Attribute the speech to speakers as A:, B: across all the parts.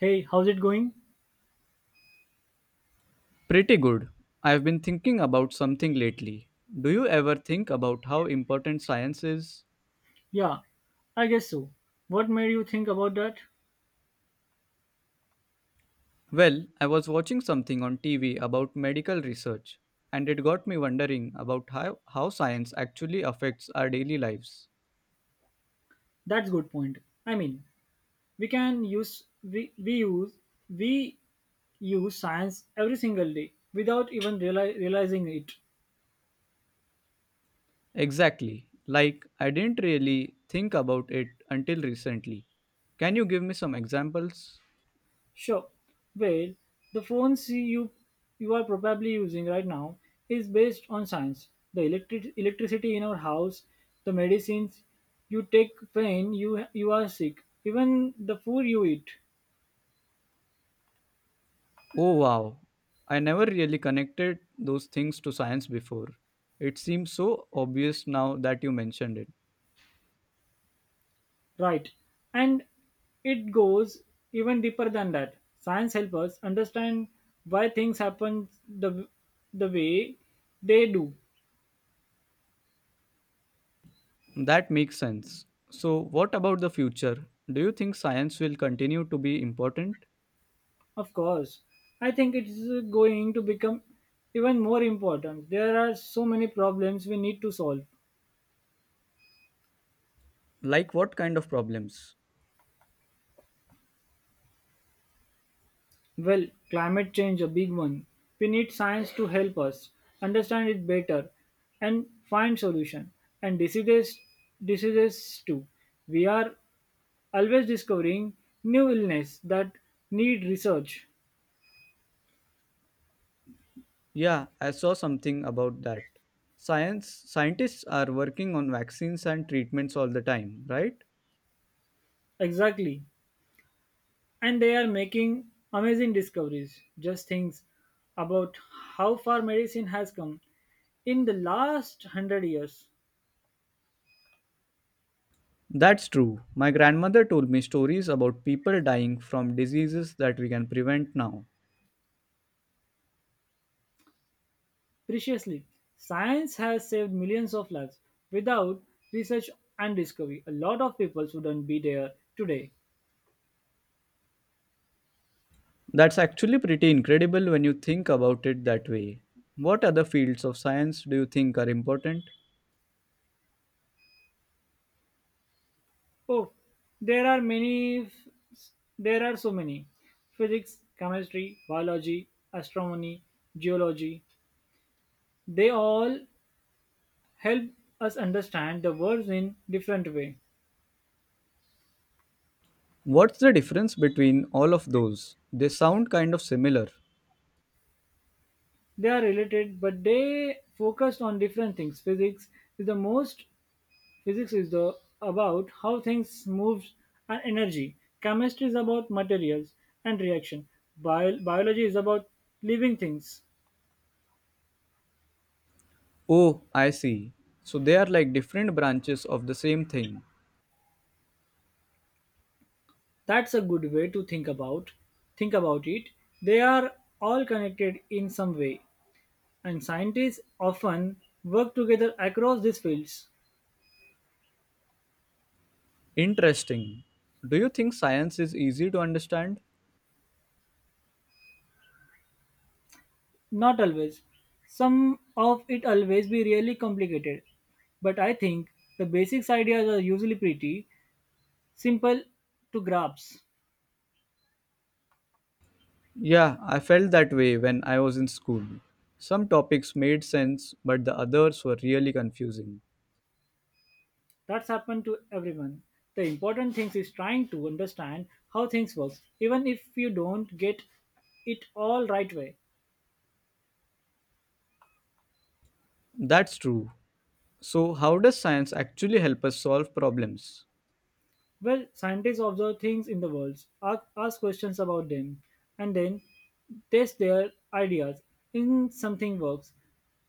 A: Hey, how's it going?
B: Pretty good. I've been thinking about something lately. Do you ever think about how important science is?
A: Yeah, I guess so. What made you think about that?
B: Well, I was watching something on TV about medical research, and it got me wondering about how science actually affects our daily lives.
A: That's good point. I mean, we can use we use science every single day without even realizing it.
B: Exactly. Like, I didn't really think about it until recently. Can you give me some examples?
A: Sure. Well, the phones you are probably using right now is based on science. The electricity in our house, the medicines you take when you are sick, even the food you eat.
B: Oh wow, I never really connected those things to science before. It seems so obvious now that you mentioned it.
A: Right. And it goes even deeper than that. Science helps us understand why things happen the, the way they do.
B: That makes sense. So, what about the future? Do you think science will continue to be important?
A: Of course. I think it's going to become even more important. There are so many problems we need to solve.
B: Like what kind of problems?
A: Well, climate change a big one. We need science to help us understand it better and find solution and diseases too. We are always discovering new illness that need research.
B: Yeah, I saw something about that. Science scientists are working on vaccines and treatments all the time, right?
A: Exactly. And they are making amazing discoveries, just things about how far medicine has come in the last 100 years.
B: That's true. My grandmother told me stories about people dying from diseases that we can prevent now.
A: Preciously, science has saved millions of lives. Without research and discovery, a lot of people wouldn't be there today.
B: That's actually pretty incredible when you think about it that way. What other fields of science do you think are important?
A: Oh, there are many, there are so many. Physics, chemistry, biology, astronomy, geology. They all help us understand the words in different way.
B: What's the difference between all of those? They sound kind of similar.
A: They are related, but they focused on different things. Physics is the most. Physics is the about how things moves and energy. Chemistry is about materials and reaction. Biology is about living things.
B: Oh, I see. So they are like different branches of the same thing.
A: That's a good way to think about it. They are all connected in some way, and scientists often work together across these fields.
B: Interesting. Do you think science is easy to understand?
A: Not always. Some of it always be really complicated. But I think the basics ideas are usually pretty simple to grasp.
B: Yeah, I felt that way when I was in school. Some topics made sense, but the others were really confusing.
A: That's happened to everyone. The important thing is trying to understand how things work, even if you don't get it all right way.
B: That's true. So, how does science actually help us solve problems?
A: Well, scientists observe things in the world, ask questions about them, and then test their ideas. In something works,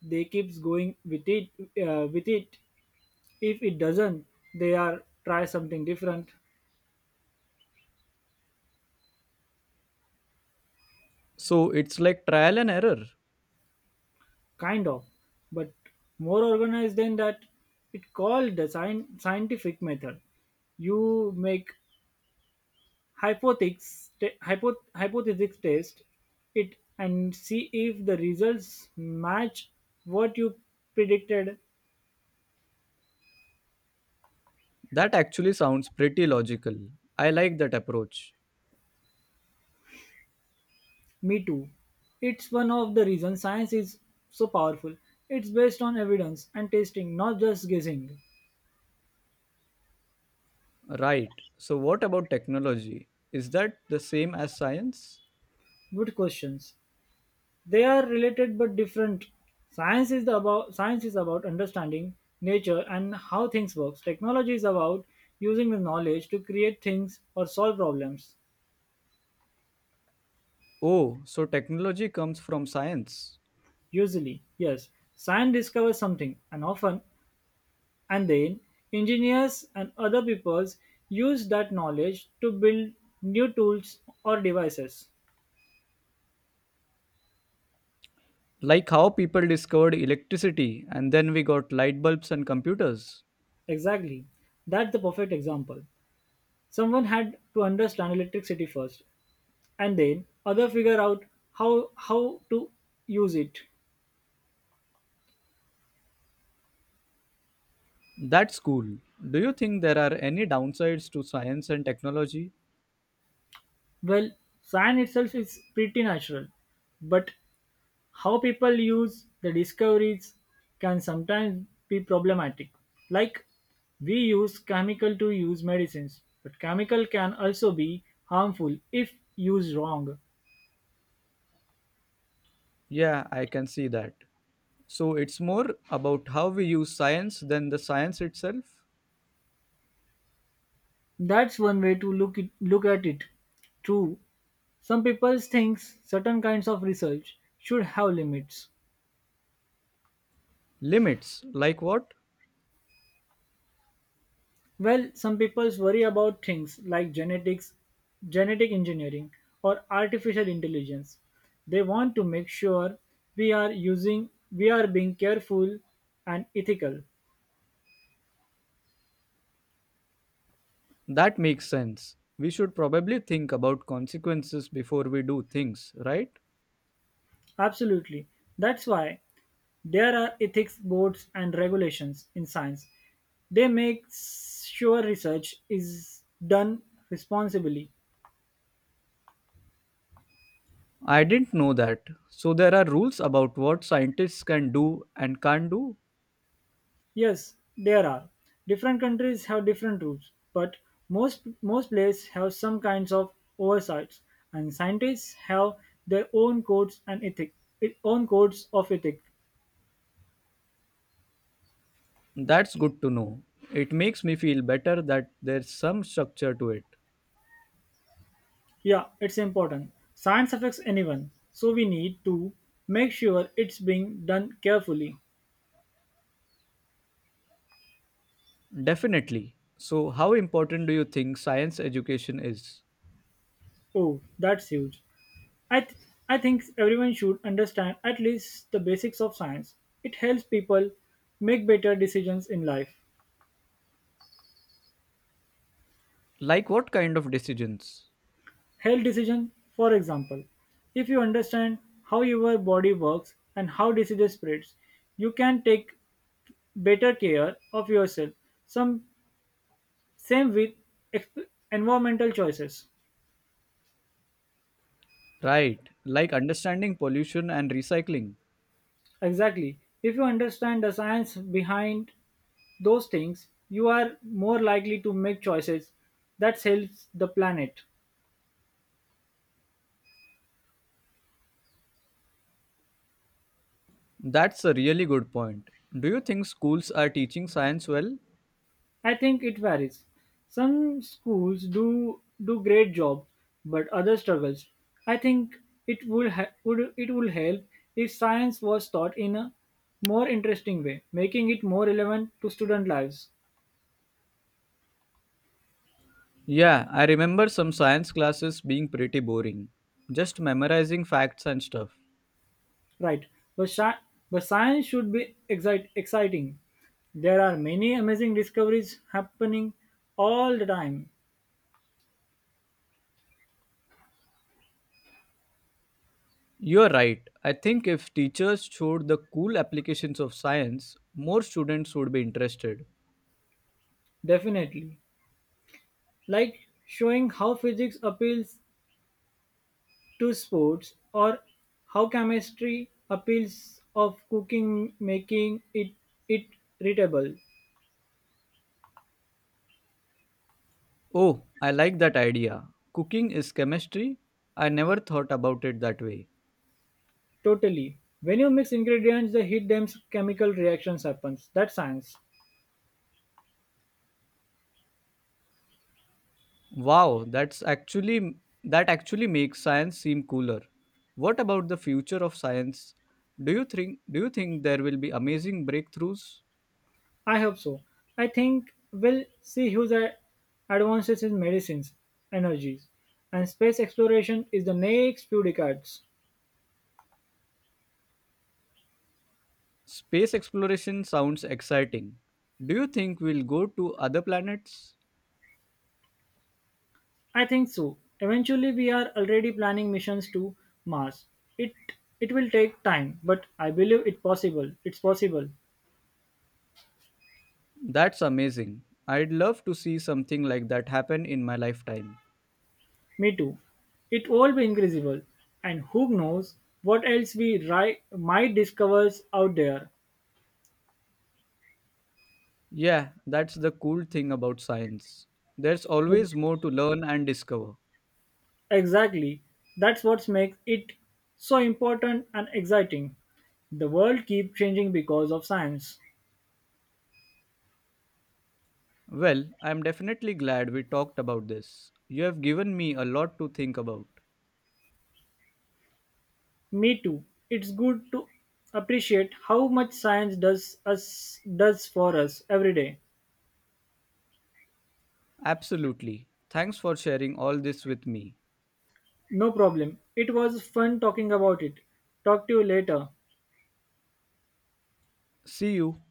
A: they keeps going with it, with it. If it doesn't, they are try something different.
B: So, it's like trial and error.
A: Kind of, but more organized than that. It called the scientific method. You make hypothesis test it and see if the results match what you predicted.
B: That actually sounds pretty logical. I like that approach.
A: Me too. It's one of the reasons science is so powerful. It's based on evidence and testing, not just guessing.
B: Right. So, what about technology? Is that the same as science?
A: Good questions. They are related but different. Science is about understanding nature and how things works. Technology is about using the knowledge to create things or solve problems.
B: Oh, so technology comes from science.
A: Usually, yes, science discovers something and often and then engineers and other peoples use that knowledge to build new tools or devices.
B: Like how people discovered electricity and then we got light bulbs and computers.
A: Exactly. That's the perfect example. Someone had to understand electricity first, and then other figure out how to use it.
B: That's cool. Do you think there are any downsides to science and technology?
A: Well, science itself is pretty natural, but how people use the discoveries can sometimes be problematic. Like, we use chemical to use medicines, but chemical can also be harmful if used wrong.
B: Yeah, I can see that. So, it's more about how we use science than the science itself?
A: That's one way to look at it. True, some people think certain kinds of research should have limits.
B: Limits, like what?
A: Well, some people worry about things like genetics, genetic engineering, or artificial intelligence. They want to make sure we are being careful and ethical.
B: That makes sense. We should probably think about consequences before we do things, right?
A: Absolutely. That's why there are ethics boards and regulations in science. They make sure research is done responsibly.
B: I didn't know that. So there are rules about what scientists can do and can't do?
A: Yes, there are. Different countries have different rules, but most places have some kinds of oversights, and scientists have their own codes and ethic, own codes of ethic.
B: That's good to know. It makes me feel better that there's some structure to it.
A: Yeah, it's important. Science affects anyone, so we need to make sure it's being done carefully.
B: Definitely. So, how important do you think science education is?
A: Oh, that's huge. I, th- I think everyone should understand at least the basics of science. It helps people make better decisions in life.
B: Like what kind of decisions?
A: Health decision, for example, if you understand how your body works and how disease spreads, you can take better care of yourself. Some same with exp- environmental choices.
B: Right, like understanding pollution and recycling.
A: Exactly. If you understand the science behind those things, you are more likely to make choices that helps the planet.
B: That's a really good point. Do you think schools are teaching science well?
A: I think it varies. Some schools do great job, but others struggles. I think it would help if science was taught in a more interesting way, making it more relevant to student lives.
B: Yeah, I remember some science classes being pretty boring, just memorizing facts and stuff.
A: Right, but sci- but science should be exciting. There are many amazing discoveries happening all the time,
B: You're right. I think if teachers showed the cool applications of science, more students would be interested.
A: definitely. Like showing how physics appeals to sports, or how chemistry appeals of cooking, making it readable.
B: Oh, I like that idea. Cooking is chemistry? I never thought about it that way.
A: Totally. When you mix ingredients, they hit them chemical reactions happens. That's science.
B: Wow, that's actually that actually makes science seem cooler. What about the future of science? Do you think there will be amazing breakthroughs?
A: I hope so. I think we'll see huge advances in medicines, energies, and space exploration is the next few decades.
B: Space exploration sounds exciting. Do you think we'll go to other planets?
A: I think so. Eventually, we are already planning missions to Mars. It it will take time, but I believe it possible. It's possible.
B: That's amazing. I'd love to see something like that happen in my lifetime.
A: Me too. It all be increasable, and who knows what else we might discover out there.
B: Yeah, that's the cool thing about science. There's always
A: Ex-
B: more to learn and discover.
A: Exactly. That's what makes it so important and exciting. The world keeps changing because of science.
B: Well, I'm definitely glad we talked about this. You have given me a lot to think about.
A: Me too. It's good to appreciate how much science does for us every day.
B: Absolutely. Thanks for sharing all this with me.
A: No problem. It was fun talking about it. Talk to you later.
B: See you.